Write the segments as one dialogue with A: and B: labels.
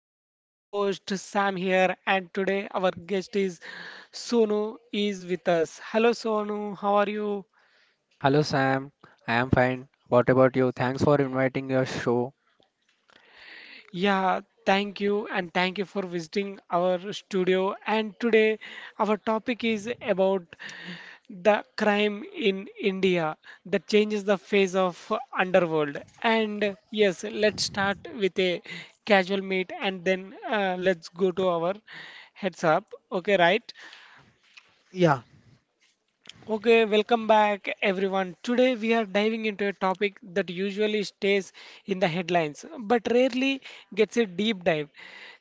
A: And I'm the host Sam here, and today our guest is Sonu is with us. Hello, Sonu, how are you?
B: Hello Sam, I am fine. What about you? Thanks for inviting your show.
A: Yeah, thank you, and thank you for visiting our studio. And today our topic is about the crime in India that changes the face of underworld. And yes, let's start with a casual meet and then let's go to our heads up. Okay, right?
B: Yeah.
A: Okay, welcome back everyone. Today we are diving into a topic that usually stays in the headlines but rarely gets a deep dive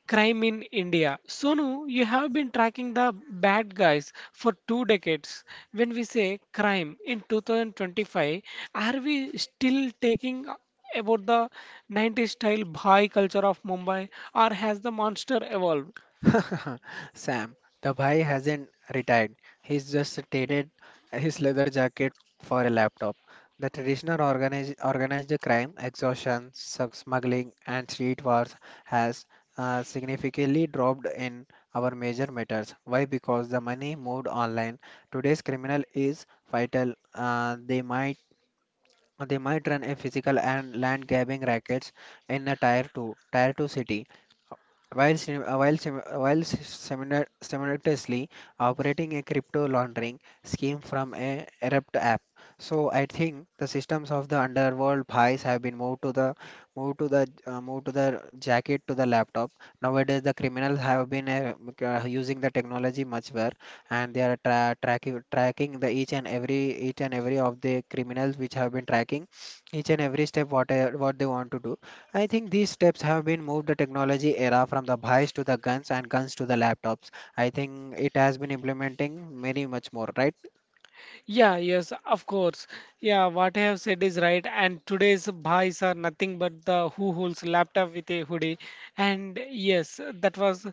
A: crime in India. Sonu, you have been tracking the bad guys for two decades. When we say crime in 2025, are we still taking about the 90s style Bhai culture of Mumbai or has the monster evolved?
B: Sam, the bhai hasn't retired. He's just traded his leather jacket for a laptop. The traditional organized crime, extortion, smuggling, and street wars has significantly dropped in our major matters. Why? Because the money moved online. Today's criminal is vital. They might run a physical and land grabbing rackets in a tier 2 city while, simultaneously operating a crypto laundering scheme from a Erupt app. So I think the systems of the underworld pies have been moved to the jacket to the laptop. Nowadays, the criminals have been using the technology much better, and they are tracking the each and every of the criminals which have been tracking each and every step what they want to do. I think these steps have been moved the technology era from the buys to the guns and guns to the laptops. I think it has been implementing many much more, right?
A: Yeah, yes, of course. Yeah, what I have said is right. And today's buys are nothing but the who holds laptop with a hoodie. And yes, that was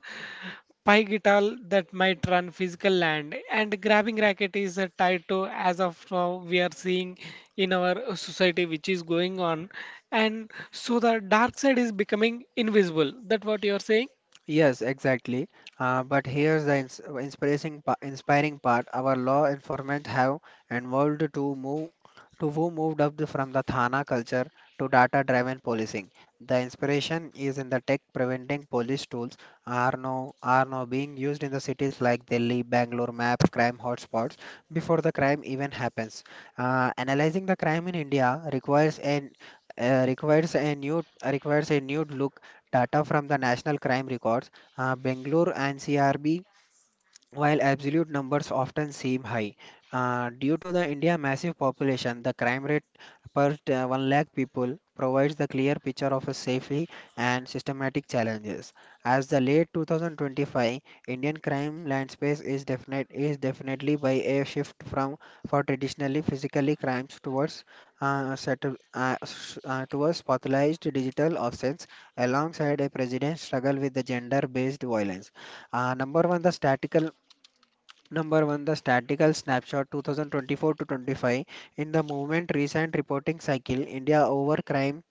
A: pie guitar that might run physical land. And grabbing racket is tied to as of now we are seeing in our society which is going on. And so the dark side is becoming invisible. That what you are saying?
B: Yes, exactly. But here's the inspiring part. Our law enforcement have evolved to move to who moved up the, from the Thana culture to data-driven policing. The inspiration is in the tech preventing police tools are now being used in the cities like Delhi, Bangalore, map crime hotspots before the crime even happens. Analyzing the crime in India requires an requires a new look. Data from the National Crime Records, Bangalore and CRB, while absolute numbers often seem high, due to the India massive population, the crime rate 1 lakh people provides the clear picture of a safely and systematic challenges. As the late 2025 Indian crime landscape is definitely by a shift from for traditionally physically crimes towards towards pathologized digital offenses alongside a president struggle with the gender based violence. Uh, number one, the statistical Number one, the statistical snapshot 2024 to 25. In the movement recent reporting cycle, India over crime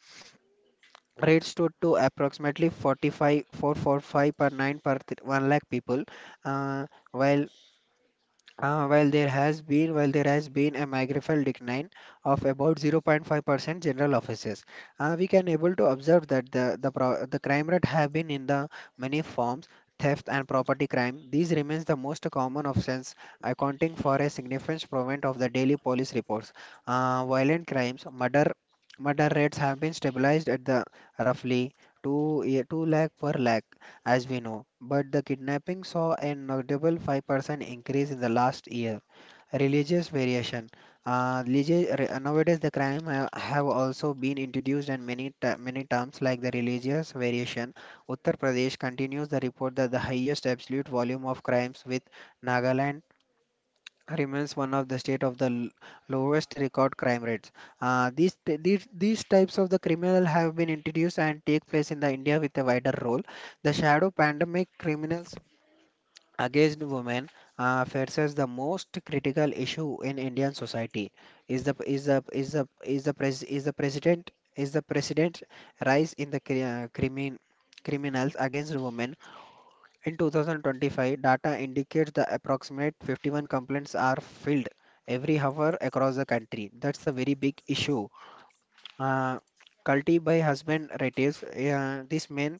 B: rate stood to approximately 45, 445 per 1 lakh people, uh, while while there has been a magnified decline of about 0.5% general offices. We can able to observe that the crime rate have been in the many forms. Theft and property crime, these remains the most common offense, accounting for a significant proportion of the daily police reports. Uh, violent crimes, murder rates have been stabilized at the roughly 2 lakh per lakh, as we know, but the kidnapping saw a notable 5% increase in the last year. Religious variation. Nowadays, the have also been introduced in many terms like the religious variation. Uttar Pradesh continues the report that the highest absolute volume of crimes, with Nagaland remains one of the state of the lowest record crime rates. These types of the criminal have been introduced and take place in the India with a wider role. The shadow pandemic criminals against women, faces the most critical issue in Indian society. Is the is the is the is the pres, is the president Is the president rise in the criminals against women. In 2025, data indicates the approximate 51 complaints are filed every hour across the country. That's a very big issue. Uh, guilty by husband rates. This man.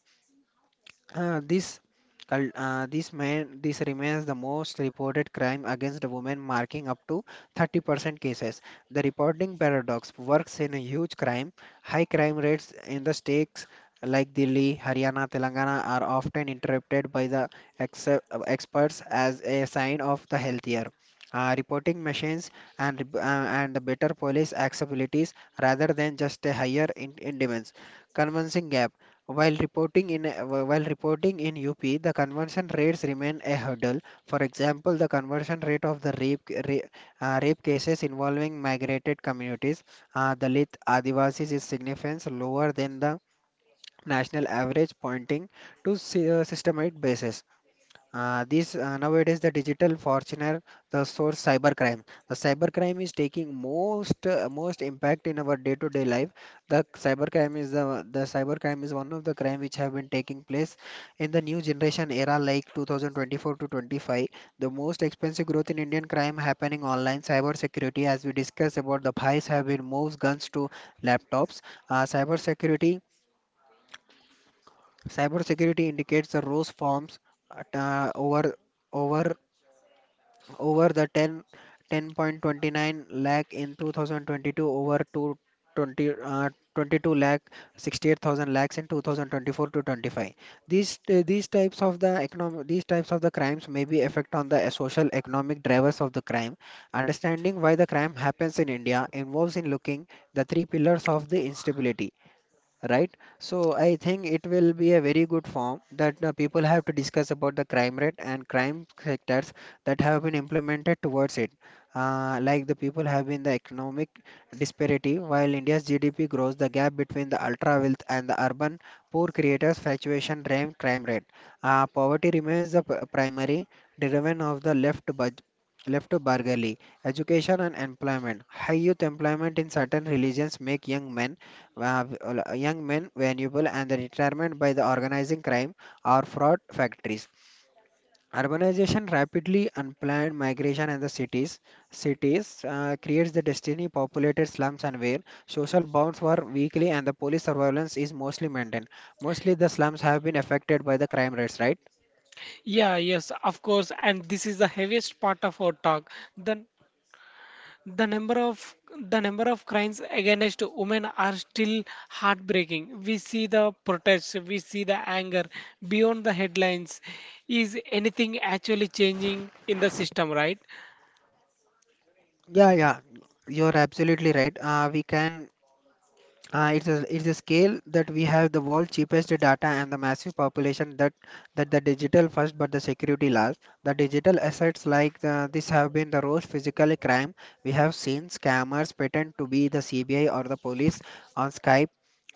B: This cul- this man This remains the most reported crime against women, marking up to 30% cases. The reporting paradox works in a huge crime high crime rates in the states like Delhi, Haryana, Telangana, are often interpreted by the ex- uh, experts as a sign of the healthier, reporting machines and the better police accessibilities rather than just a higher indemnity convincing gap. While reporting in UP, the conversion rates remain a hurdle. For example, the conversion rate of the rape cases involving migrated communities, Dalit, Adivasis, is significantly lower than the national average, pointing to systemic basis. This Nowadays, the digital fortuner, the source cybercrime. The cybercrime is taking most impact in our day-to-day life. The cybercrime is one of the crime which have been taking place in the new generation era, like 2024 to 25. The most expensive growth in Indian crime happening online. Cyber security, as we discussed about the PIs have been moves guns to laptops. Uh, cyber security, Cyber security indicates the rose forms at, over over the 10 10.29 lakh in 2022 over to 20 uh, 22 lakh 68,000 lakhs in 2024 to 25. These these types of the economic these types of the crimes may be effect on the, social economic drivers of the crime. Understanding why the crime happens in India involves in looking the three pillars of the instability, right? So I think it will be a very good form that the people have to discuss about the crime rate and crime sectors that have been implemented towards it. Like the people have been the economic disparity, while India's GDP grows, the gap between the ultra wealth and the urban poor creators fluctuation drive crime rate. Poverty remains the primary driven of the left budget left to Bargali, education and employment. High youth employment in certain religions make uh, young men vulnerable and the retirement by the organizing crime or fraud factories. Urbanization, rapidly unplanned migration and the cities, creates the destiny populated slums and where social bonds were weakly and the police surveillance is mostly maintained. Mostly the slums have been affected by the crime rates, right?
A: Yeah, yes, of course. And this is the heaviest part of our talk. Then The number of the number of crimes against women are still heartbreaking. We see the protests, we see the anger beyond the headlines. Is anything actually changing in the system, right?
B: Yeah, yeah, you're absolutely right. We can it's a scale that we have the world cheapest data and the massive population that the digital first but the security last. The digital assets like the, this have been the worst physical crime. We have seen scammers pretend to be the CBI or the police on Skype.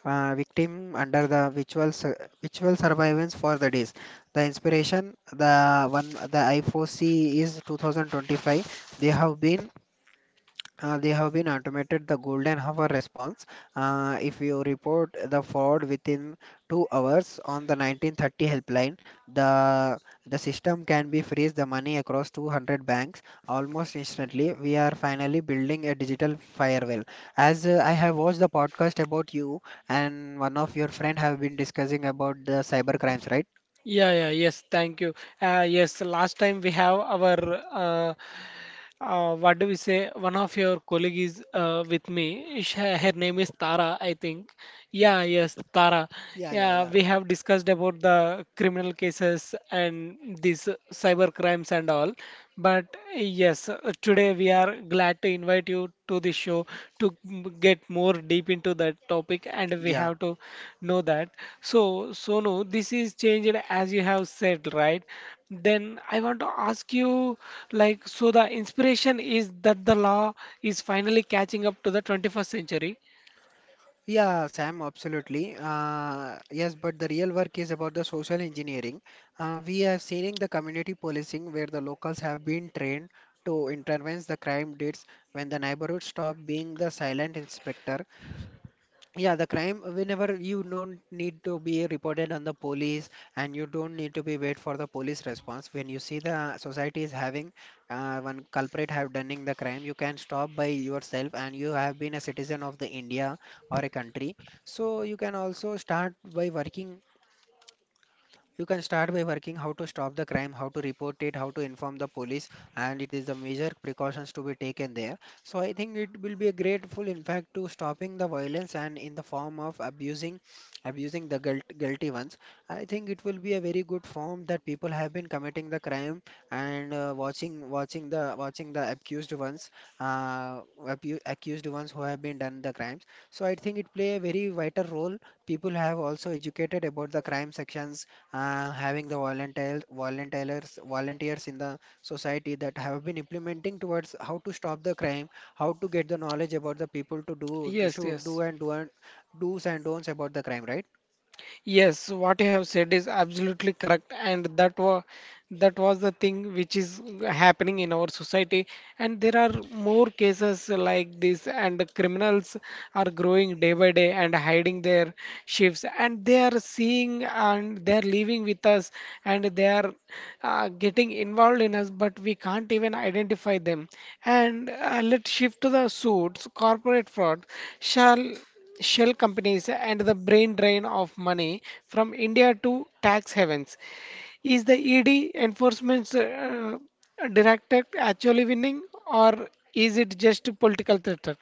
B: Victim under the virtual surveillance for the days. The inspiration the one the I4C is 2025. They have been they have been automated the golden hour response. If you report the fraud within 2 hours on the 1930 helpline, the the system can be freeze the money across 200 banks almost instantly. We are finally building a digital firewall. As, I have watched the podcast about you, and one of your friend have been discussing about the cyber crimes, right?
A: Yeah, yeah, yes, thank you. Yes, last time we have our what do we say? One of your colleague is with me. Her name is Tara, I think. Yeah, yes, Tara.
B: Yeah, yeah,
A: Yeah,
B: yeah.
A: we have discussed about the criminal cases and these cyber crimes and all. But yes, today we are glad to invite you to the show to get more deep into that topic, and we
B: Yeah.
A: have to know that. So, Sonu, this is changed as you have said, right? Then I want to ask you, like, so the inspiration is that the law is finally catching up to the 21st century.
B: Yeah, Sam, absolutely. Yes, but the real work is about the social engineering. We have seen in the community policing where the locals have been trained to intervene the crime deeds when the neighborhood stop being the silent inspector. Yeah, the crime, whenever you don't need to be reported on the police and you don't need to be wait for the police response. When you see the society is having, one culprit have done the crime, you can stop by yourself and you have been a citizen of the India or a country. So you can also start by working you can start by working how to stop the crime, how to report it, how to inform the police, and it is the major precautions to be taken there. So I think it will be a grateful in fact, to stopping the violence and in the form of abusing the guilty ones. I think it will be a very good form that people have been committing the crime and, watching the accused ones, uh, accused ones who have been done the crimes. So I think it play a very vital role. People have also educated about the crime sections, having the volunteers in the society that have been implementing towards how to stop the crime, how to get the knowledge about the people to
A: Yes,
B: should do
A: yes.
B: and do's and don'ts about the crime, right?
A: Yes, what you have said is absolutely correct, and that was the thing which is happening in our society and there are more cases like this and the criminals are growing day by day and hiding their shifts and they are seeing and they are living with us and they are getting involved in us but we can't even identify them and let's shift to the suits corporate fraud shall shell companies and the brain drain of money from India to tax havens. Is the ED enforcement director actually winning, or is it just a political theater?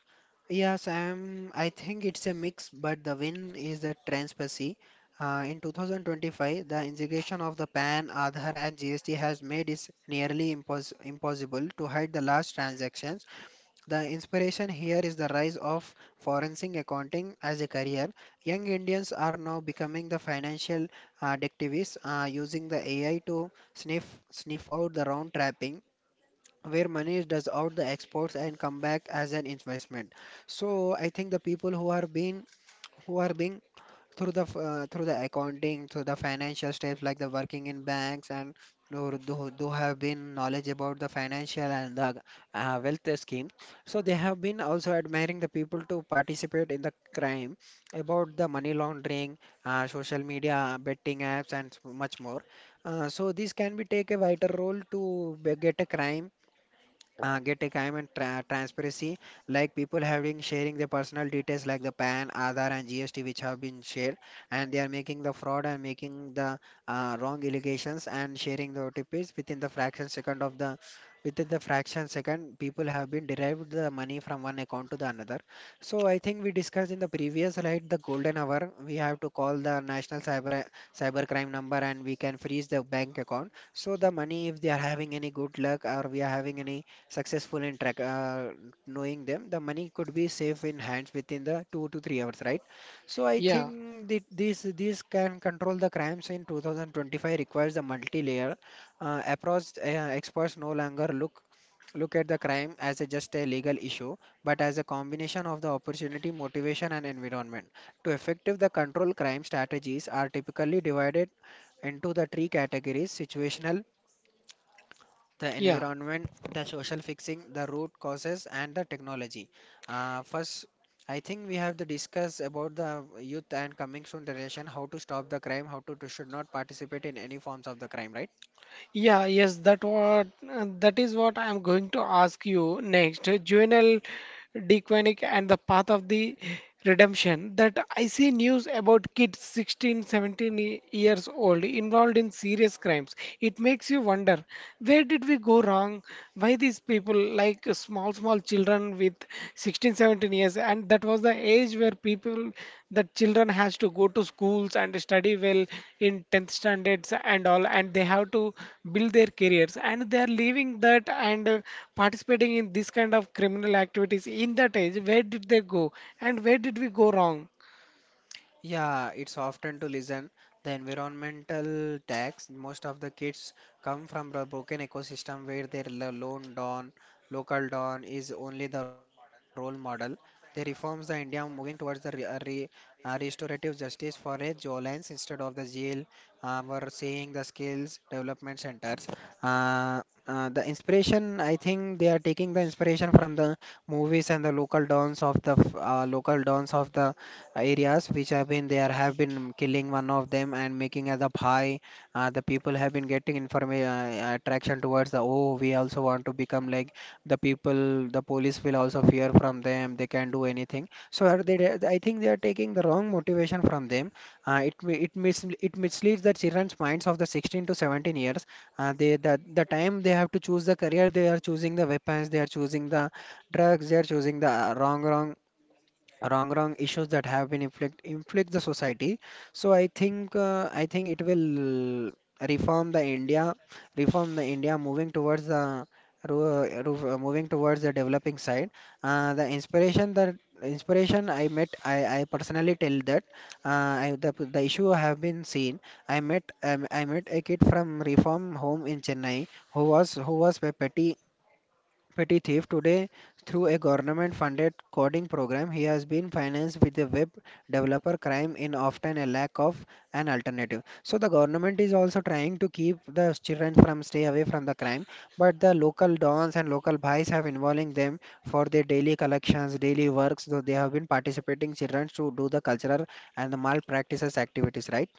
B: I think it's a mix, but the win is the transparency. In 2025, the integration of the PAN, Aadhaar, and GST has made it nearly impossible to hide the large transactions. The inspiration here is the rise of forensic accounting as a career. Young Indians are now becoming the financial, detectives, using the AI to sniff out the round trapping where money does out the exports and come back as an investment. So I think the people who are being who are being through through the accounting through the financial steps like the working in banks and who have been knowledge about the financial and the wealth scheme, so they have been also admiring the people to participate in the crime about the money laundering, social media betting apps and much more. Uh, so this can be take a vital role to get a crime, get a crime and transparency, like people having sharing their personal details like the pan aadhaar and gst which have been shared, and they are making the fraud and making the wrong allegations and sharing the otps within the fraction second of the within the fraction second people have been derived the money from one account to the another. So I think we discussed in the previous slide the golden hour. We have to call the national cyber crime number and we can freeze the bank account, so the money if they are having any good luck or we are having any successful in track, knowing them, the money could be safe in hands within the 2 to 3 hours, right? So I
A: Yeah,
B: think that this can control the crimes in 2025, requires a multi-layer approach. Experts no longer look at the crime as a just a legal issue, but as a combination of the opportunity motivation and environment. To effective the control crime strategies are typically divided into the three categories: situational, the
A: yeah.
B: environment, the social fixing, the root causes, and the technology. First, I think we have to discuss about the youth and coming soon generation, how to stop the crime, how to should not participate in any forms of the crime, right?
A: Yeah, yes, that what that is what I am going to ask you next. Juvenal Dequanic and the path of the redemption. That I see news about kids 16, 17 years old involved in serious crimes. It makes you wonder, where did we go wrong? Why these people like small, small children with 16, 17 years and that was the age where people the children has to go to schools and study well in 10th standards and all and they have to build their careers and they are leaving that and participating in this kind of criminal activities in that age where did they go and where did we go wrong.
B: Yeah, it's often to listen. The environmental tax, most of the kids come from a broken ecosystem where their lone don, local don is only the role model. The reforms the India moving towards the restorative justice for a Jolines instead of the jail. We're seeing the skills development centers. The inspiration, I think they are taking the inspiration from the movies and the local dons of local dons of the areas which have been there have been killing one of them and making as a pie. The people have been getting information, attraction towards the, oh, we also want to become like the people, the police will also fear from them, they can do anything. So are they, I think they are taking the wrong motivation from them. Uh, it mi- it mis it misleads the children's minds of the 16 to 17 years. The time they have to choose the career, they are choosing the weapons, they are choosing the drugs, they are choosing the wrong issues that have been inflict the society. So I think it will reform the India, moving towards the moving towards the developing side. The inspiration, I personally tell that, the issue have been seen. I met a kid from reform home in Chennai who was petty Petty Thief today. Through a government funded coding program he has been financed with a web developer crime in often a lack of an alternative. So the government is also trying to keep the children from stay away from the crime, but the local dons and local bhai's have involving them for their daily collections daily works, so they have been participating children to do the cultural and the malpractices activities, right?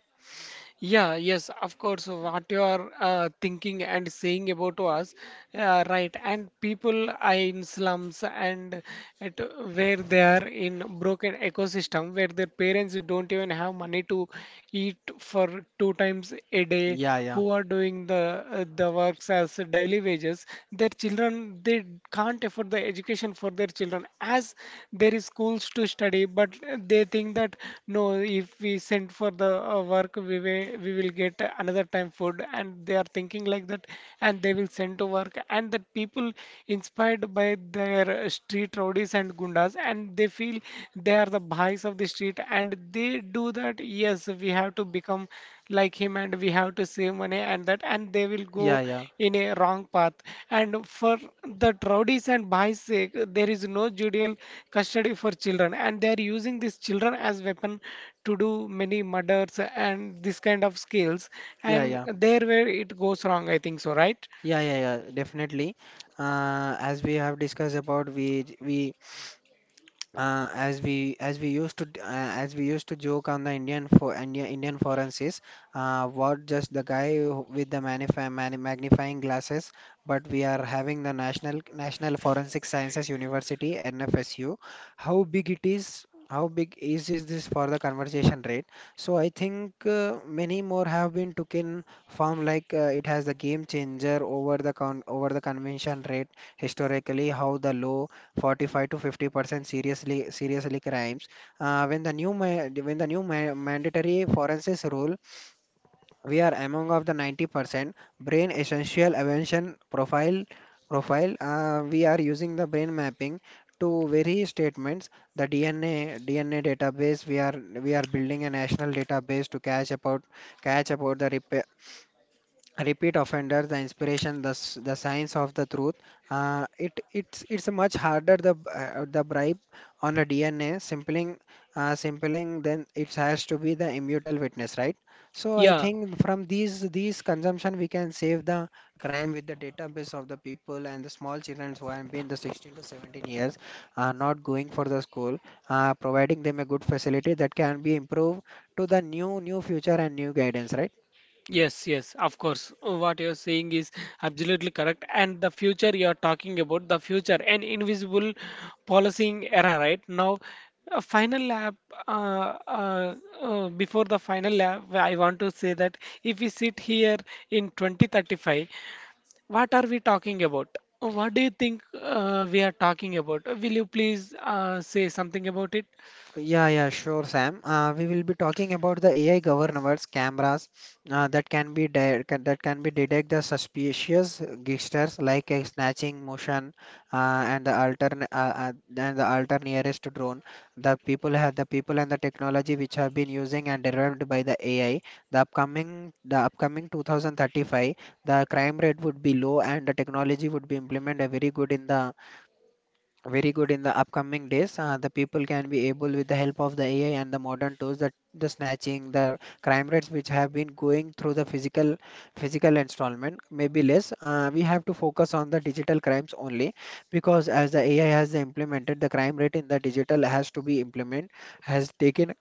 A: Yeah, yes, of course. What you are thinking and saying about us, right? And people are in slums and at where they are in broken ecosystem, where their parents don't even have money to eat for two times a day,
B: Yeah, yeah,
A: who are doing the works as daily wages. Their children they can't afford the education for their children as there is schools to study but they think that no if we send for the work we will get another time food and they are thinking like that and they will send to work and that people inspired by their street rowdies and gundas and they feel they are the bhais of the street and they do that yes we have to become like him and we have to save money and that and they will go
B: yeah, yeah,
A: in a wrong path and for the rowdies and boys sake there is no judicial custody for children and they are using these children as weapon to do many murders and this kind of skills
B: yeah,
A: and
B: yeah.
A: there where it goes wrong I think so right.
B: Yeah, yeah, yeah, definitely. As we have discussed about, we as we as we used to d- as we used to joke on the Indian forensics, what just the guy with the magnifying glasses. But we are having the National Forensic Sciences University, NFSU. How big it is? How big is this for the conversation rate? So I think many more have been took in form, like it has the game changer over the con over the convention rate historically, how the low 45 to 50% seriously seriously crimes. When the new mandatory forensics rule, we are among of the 90% brain essential evasion profile. We are using the brain mapping to vary statements. The DNA database we are building a national database to catch about the repeat offenders, the inspiration the, the science of the truth. It's much harder the the bribe on the DNA simpling, then it has to be the immutable witness, right? So I
A: Yeah,
B: think from these consumption we can save the crime with the database of the people and the small children who have been the 16 to 17 years not going for the school, providing them a good facility that can be improved to the new future and new guidance, right?
A: Yes, yes, of course. What you're saying is absolutely correct. And the future you're talking about, the future, an invisible policing era, right? Now, a final lap, uh, uh, before the final lap, I want to say that if we sit here in 2035, what are we talking about? What do you think we are talking about? Will you please say something about it?
B: Yeah, yeah, sure, Sam. We will be talking about the AI governors cameras that can that can be detect the suspicious gestures like a snatching motion, and the alter nearest drone. The people have the people and the technology which have been using and derived by the AI. The upcoming 2035, the crime rate would be low and the technology would be implemented very good in the upcoming days. The people can be able, with the help of the AI and the modern tools, that the snatching, the crime rates which have been going through the physical installment may be less. We have to focus on the digital crimes only, because as the AI has implemented, the crime rate in the digital has to be implement has taken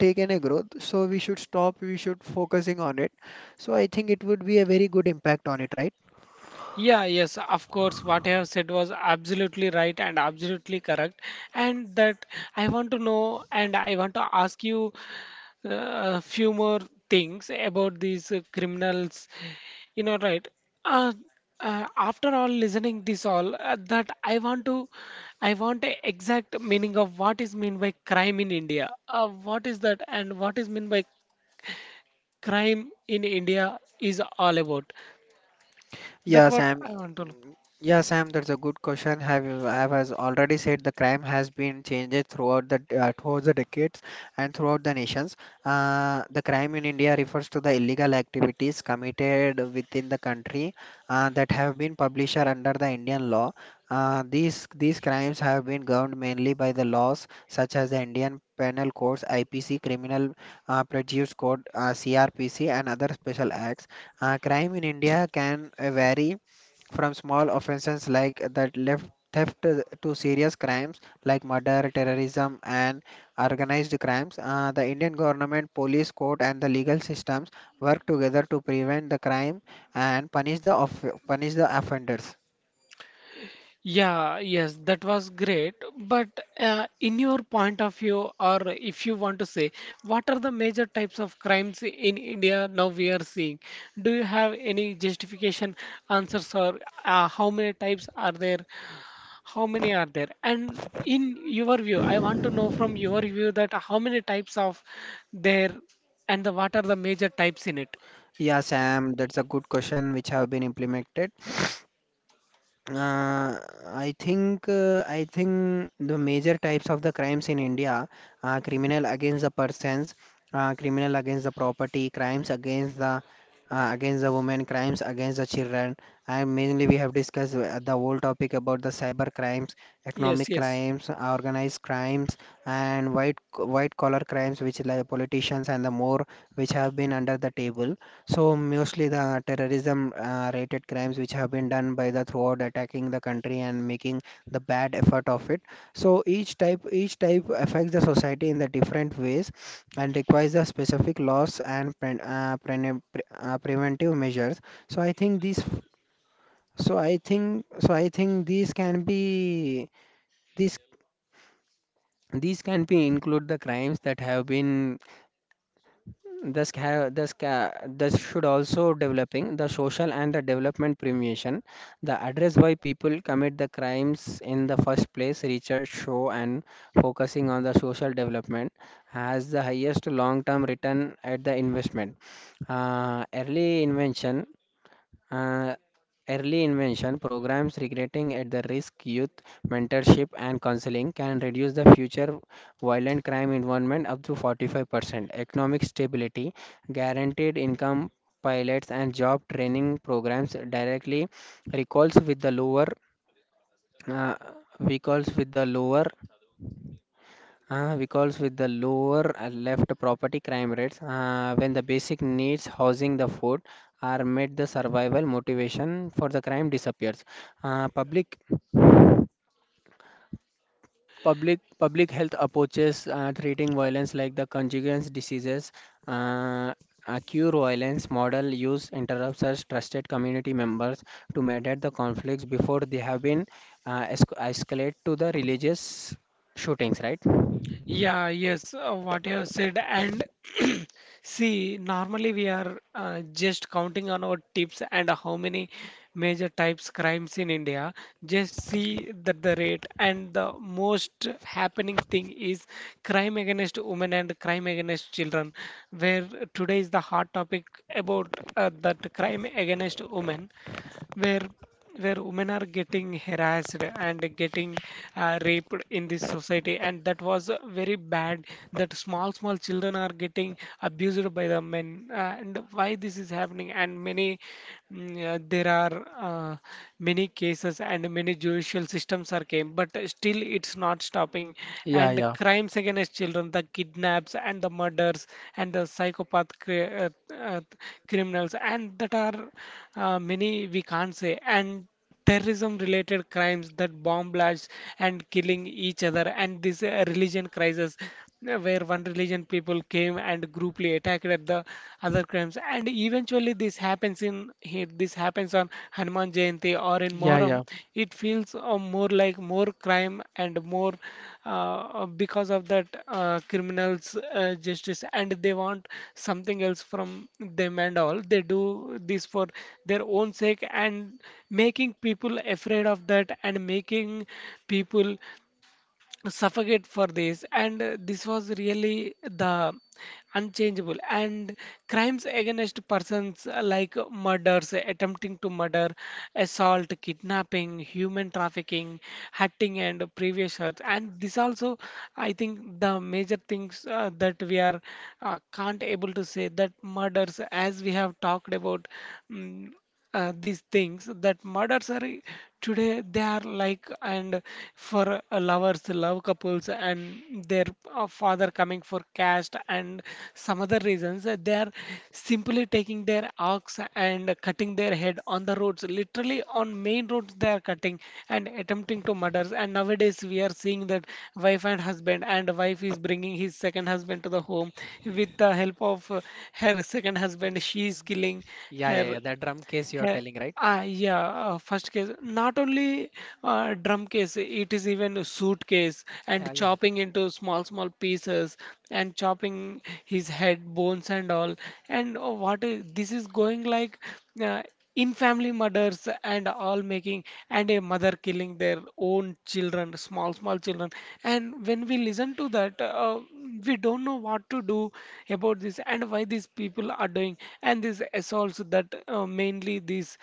B: a growth. So we should stop. We should focusing on it. So I think it would be a very good impact on it, right?
A: Yeah, yes, of course. What I have said was absolutely right and absolutely correct. And that I want to know and I want to ask you a few more things about these criminals. You know, right? Uh, after all listening this all that I want to I want a exact meaning of what is mean by crime in India. What is that and what is mean by crime in India is all about.
B: Yeah,
A: That what
B: Sam.
A: I want to know.
B: Yeah, Sam, that's a good question. Have you- I was already said the crime has been changed throughout the decades and throughout the nations. The crime in India refers to the illegal activities committed within the country that have been published under the Indian law. These crimes have been governed mainly by the laws such as the Indian Penal Codes, IPC, Criminal Procedure Code, CRPC, and other special acts. Crime in India can vary from small offenses like that left theft to serious crimes like murder, terrorism, and organized crimes. The Indian government, police, court, and the legal systems work together to prevent the crime and punish the punish the offenders.
A: Yeah, yes, that was great. But in your point of view, or if you want to say, what are the major types of crimes in India now we are seeing? Do you have any justification answers, or how many types are there? How many are there? And in your view, I want to know from your view that how many types of there and the, what are the major types in it?
B: Yeah, Sam, that's a good question which have been implemented. Uh, I think the major types of the crimes in India are criminal against the persons, criminal against the property, crimes against the women, crimes against the children. And mainly we have discussed the whole topic about the cyber crimes,
A: Yes,
B: economic
A: yes.
B: crimes, organized crimes, and white collar crimes, which like politicians and the more which have been under the table. So mostly the terrorism rated crimes which have been done by the throughout attacking the country and making the bad effort of it. So each type affects the society in the different ways and requires the specific laws and preventive measures. So I think these so I think these can be these these can be include the crimes that have been this should also developing the social and the development premiation. The address why people commit the crimes in the first place, research show and focusing on the social development has the highest long-term return at the investment. Uh, early invention uh, Early invention programs regretting at the risk youth mentorship and counseling can reduce the future violent crime involvement up to 45% economic stability guaranteed income pilots and job training programs directly recalls with the lower uh, recalls with the lower, because with the lower left property crime rates. When the basic needs, housing, the food are met, the survival motivation for the crime disappears. Uh, public Public health approaches treating violence like the conjugal diseases, uh, a cure violence model use interrupts as trusted community members to mediate the conflicts before they have been escalate to the religious shootings, right?
A: Yeah, yes, what you have said. And see, normally we are just counting on our tips and how many major types crimes in India. Just see that the rate and the most happening thing is crime against women and crime against children, where today is the hot topic about that crime against women where where women are getting harassed and getting raped in this society and that was very bad that small small children are getting abused by the men and why this is happening and many there are uh, many cases and many judicial systems are came but still it's not stopping
B: Yeah,
A: and
B: yeah,
A: crimes against children, the kidnaps and the murders and the psychopath uh, uh, criminals, and that are many we can't say. And terrorism related crimes that bomb blasts and killing each other and this religion crisis yeah, where one religion people came and grouply attacked at the other crimes and eventually this happens in here this happens on Hanuman Jayanti or in
B: yeah,
A: Moharram
B: yeah.
A: it feels more like more crime and more because of that criminals justice and they want something else from them and all they do this for their own sake and making people afraid of that and making people suffocate for this and this was really the unchangeable and crimes against persons like murders attempting to murder assault kidnapping human trafficking hurting and previous hurts and this also I think the major things that we are can't able to say that murders as we have talked about mm these things that murders are today they are like and for lovers love couples and their father coming for caste and some other reasons they are simply taking their ox and cutting their head on the roads literally on main roads they are cutting and attempting to murders and nowadays we are seeing that wife and husband and wife is bringing his second husband to the home with the help of her second husband she is killing
B: Yeah,
A: her
B: yeah, yeah. That drum case you are
A: uh,
B: telling, right?
A: yeah, first case, not only drum case, it is even a suitcase and
B: Yeah, yeah.
A: chopping into small, small pieces and chopping his head, bones and all. And what is this is going like uh, in family murders and all making and a mother killing their own children small small children and when we listen to that we don't know what to do about this and why these people are doing and these assaults that mainly these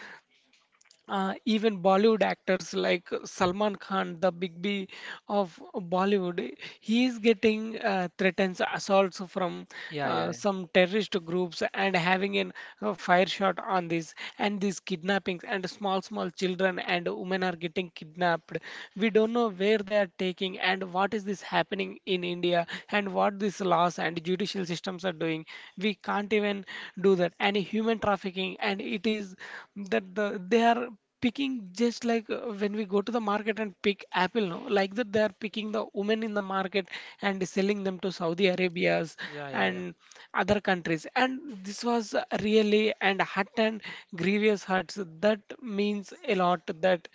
A: even Bollywood actors like Salman Khan, the Big B of Bollywood, he is getting threats, assaults from
B: Yeah, yeah.
A: some terrorist groups and having an fire shot on this and these kidnappings and small small children and women are getting kidnapped. We don't know where they are taking and what is this happening in India and what these laws and judicial systems are doing. We can't even do that and human trafficking and it is that the they are picking just like when we go to the market and pick apple no like that they are picking the women in the market and selling them to Saudi Arabia's
B: Yeah, yeah,
A: and other countries and this was really and hurt and grievous hurts that means a lot that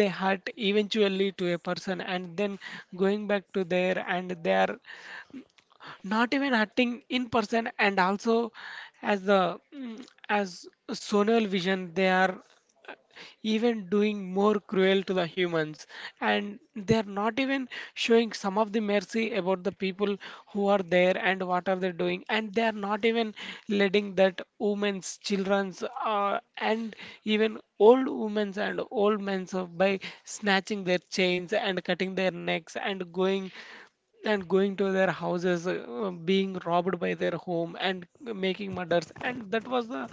A: they hurt eventually to a person and then going back to there and they are not even acting in person and also as the as sonal vision they are uh, even doing more cruel to the humans and they are not even showing some of the mercy about the people who are there and what are they doing and they are not even letting that women's children's and even old women's and old men's by snatching their chains and cutting their necks and going to their houses, being robbed by their home, and making murders. And that was the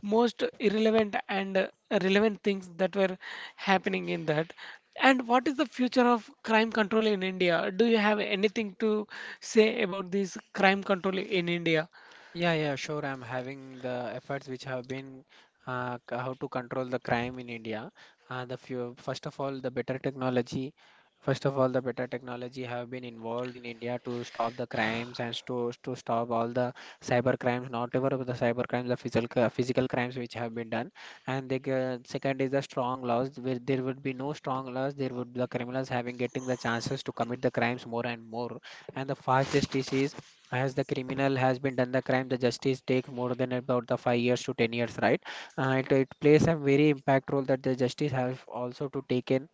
A: most irrelevant and relevant things that were happening in that. And what is the future of crime control in India? Do you have anything to say about this crime control in India?
B: Yeah, yeah. Sure. I'm having the efforts which have been how to control the crime in India. First of all, the better technology. First of all, the better technology have been involved in India to stop the crimes and to stop all the cyber crimes, not ever the cyber crimes, the physical crimes which have been done. And the second is the strong laws. Where there would be no strong laws, there would the criminals having getting the chances to commit the crimes more and more. And the fast justice is, as the criminal has been done the crime, the justice take more than about the 5 years to 10 years, right? It plays a very impact role that the justice have also to take in,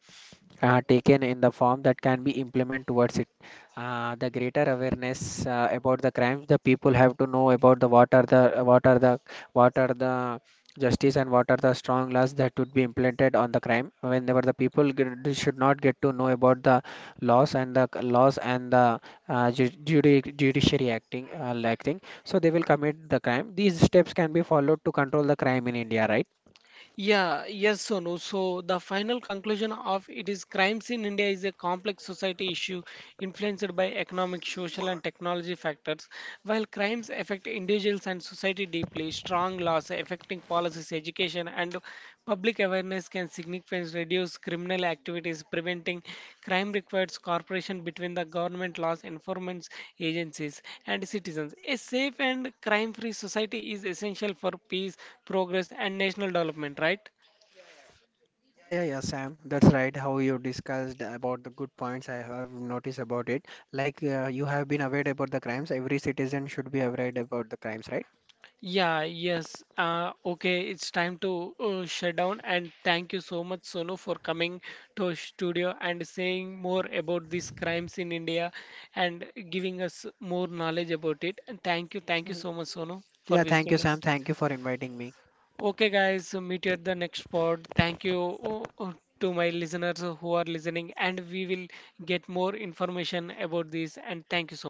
B: taken in the form that can be implemented towards it. The greater awareness about the crimes, the people have to know about the what are the what are the what are the justice and what are the strong laws that would be implemented on the crime. Whenever the people get, they should not get to know about the laws and laws and the judiciary acting like thing, so they will commit the crime. These steps can be followed to control the crime in India, right?
A: Yeah, yes, Sonu. So the final conclusion of it is crime in India is a complex society issue influenced by economic, social, and technology factors. While crimes affect individuals and society deeply, strong laws affecting policies, education, and public awareness can significantly reduce criminal activities. Preventing crime requires cooperation between the government, laws enforcement agencies, and citizens. A safe and crime free society is essential for peace, progress, and national development, right?
B: Yeah, yeah, yeah, Sam. That's right. How you discussed about the good points I have noticed about it. Like you have been aware about the crimes. Every citizen should be aware about the crimes, right?
A: Yeah, yes. Okay, it's time to shut down. And thank you so much, Sonu, for coming to our studio and saying more about these crimes in India and giving us more knowledge about it. And thank you so much, Sonu, for
B: Yeah, thank you,
A: visiting
B: Sam.
A: us.
B: Thank you for inviting me.
A: Okay, guys, so meet you at the next pod. Thank you to my listeners who are listening, and we will get more information about this. And thank you so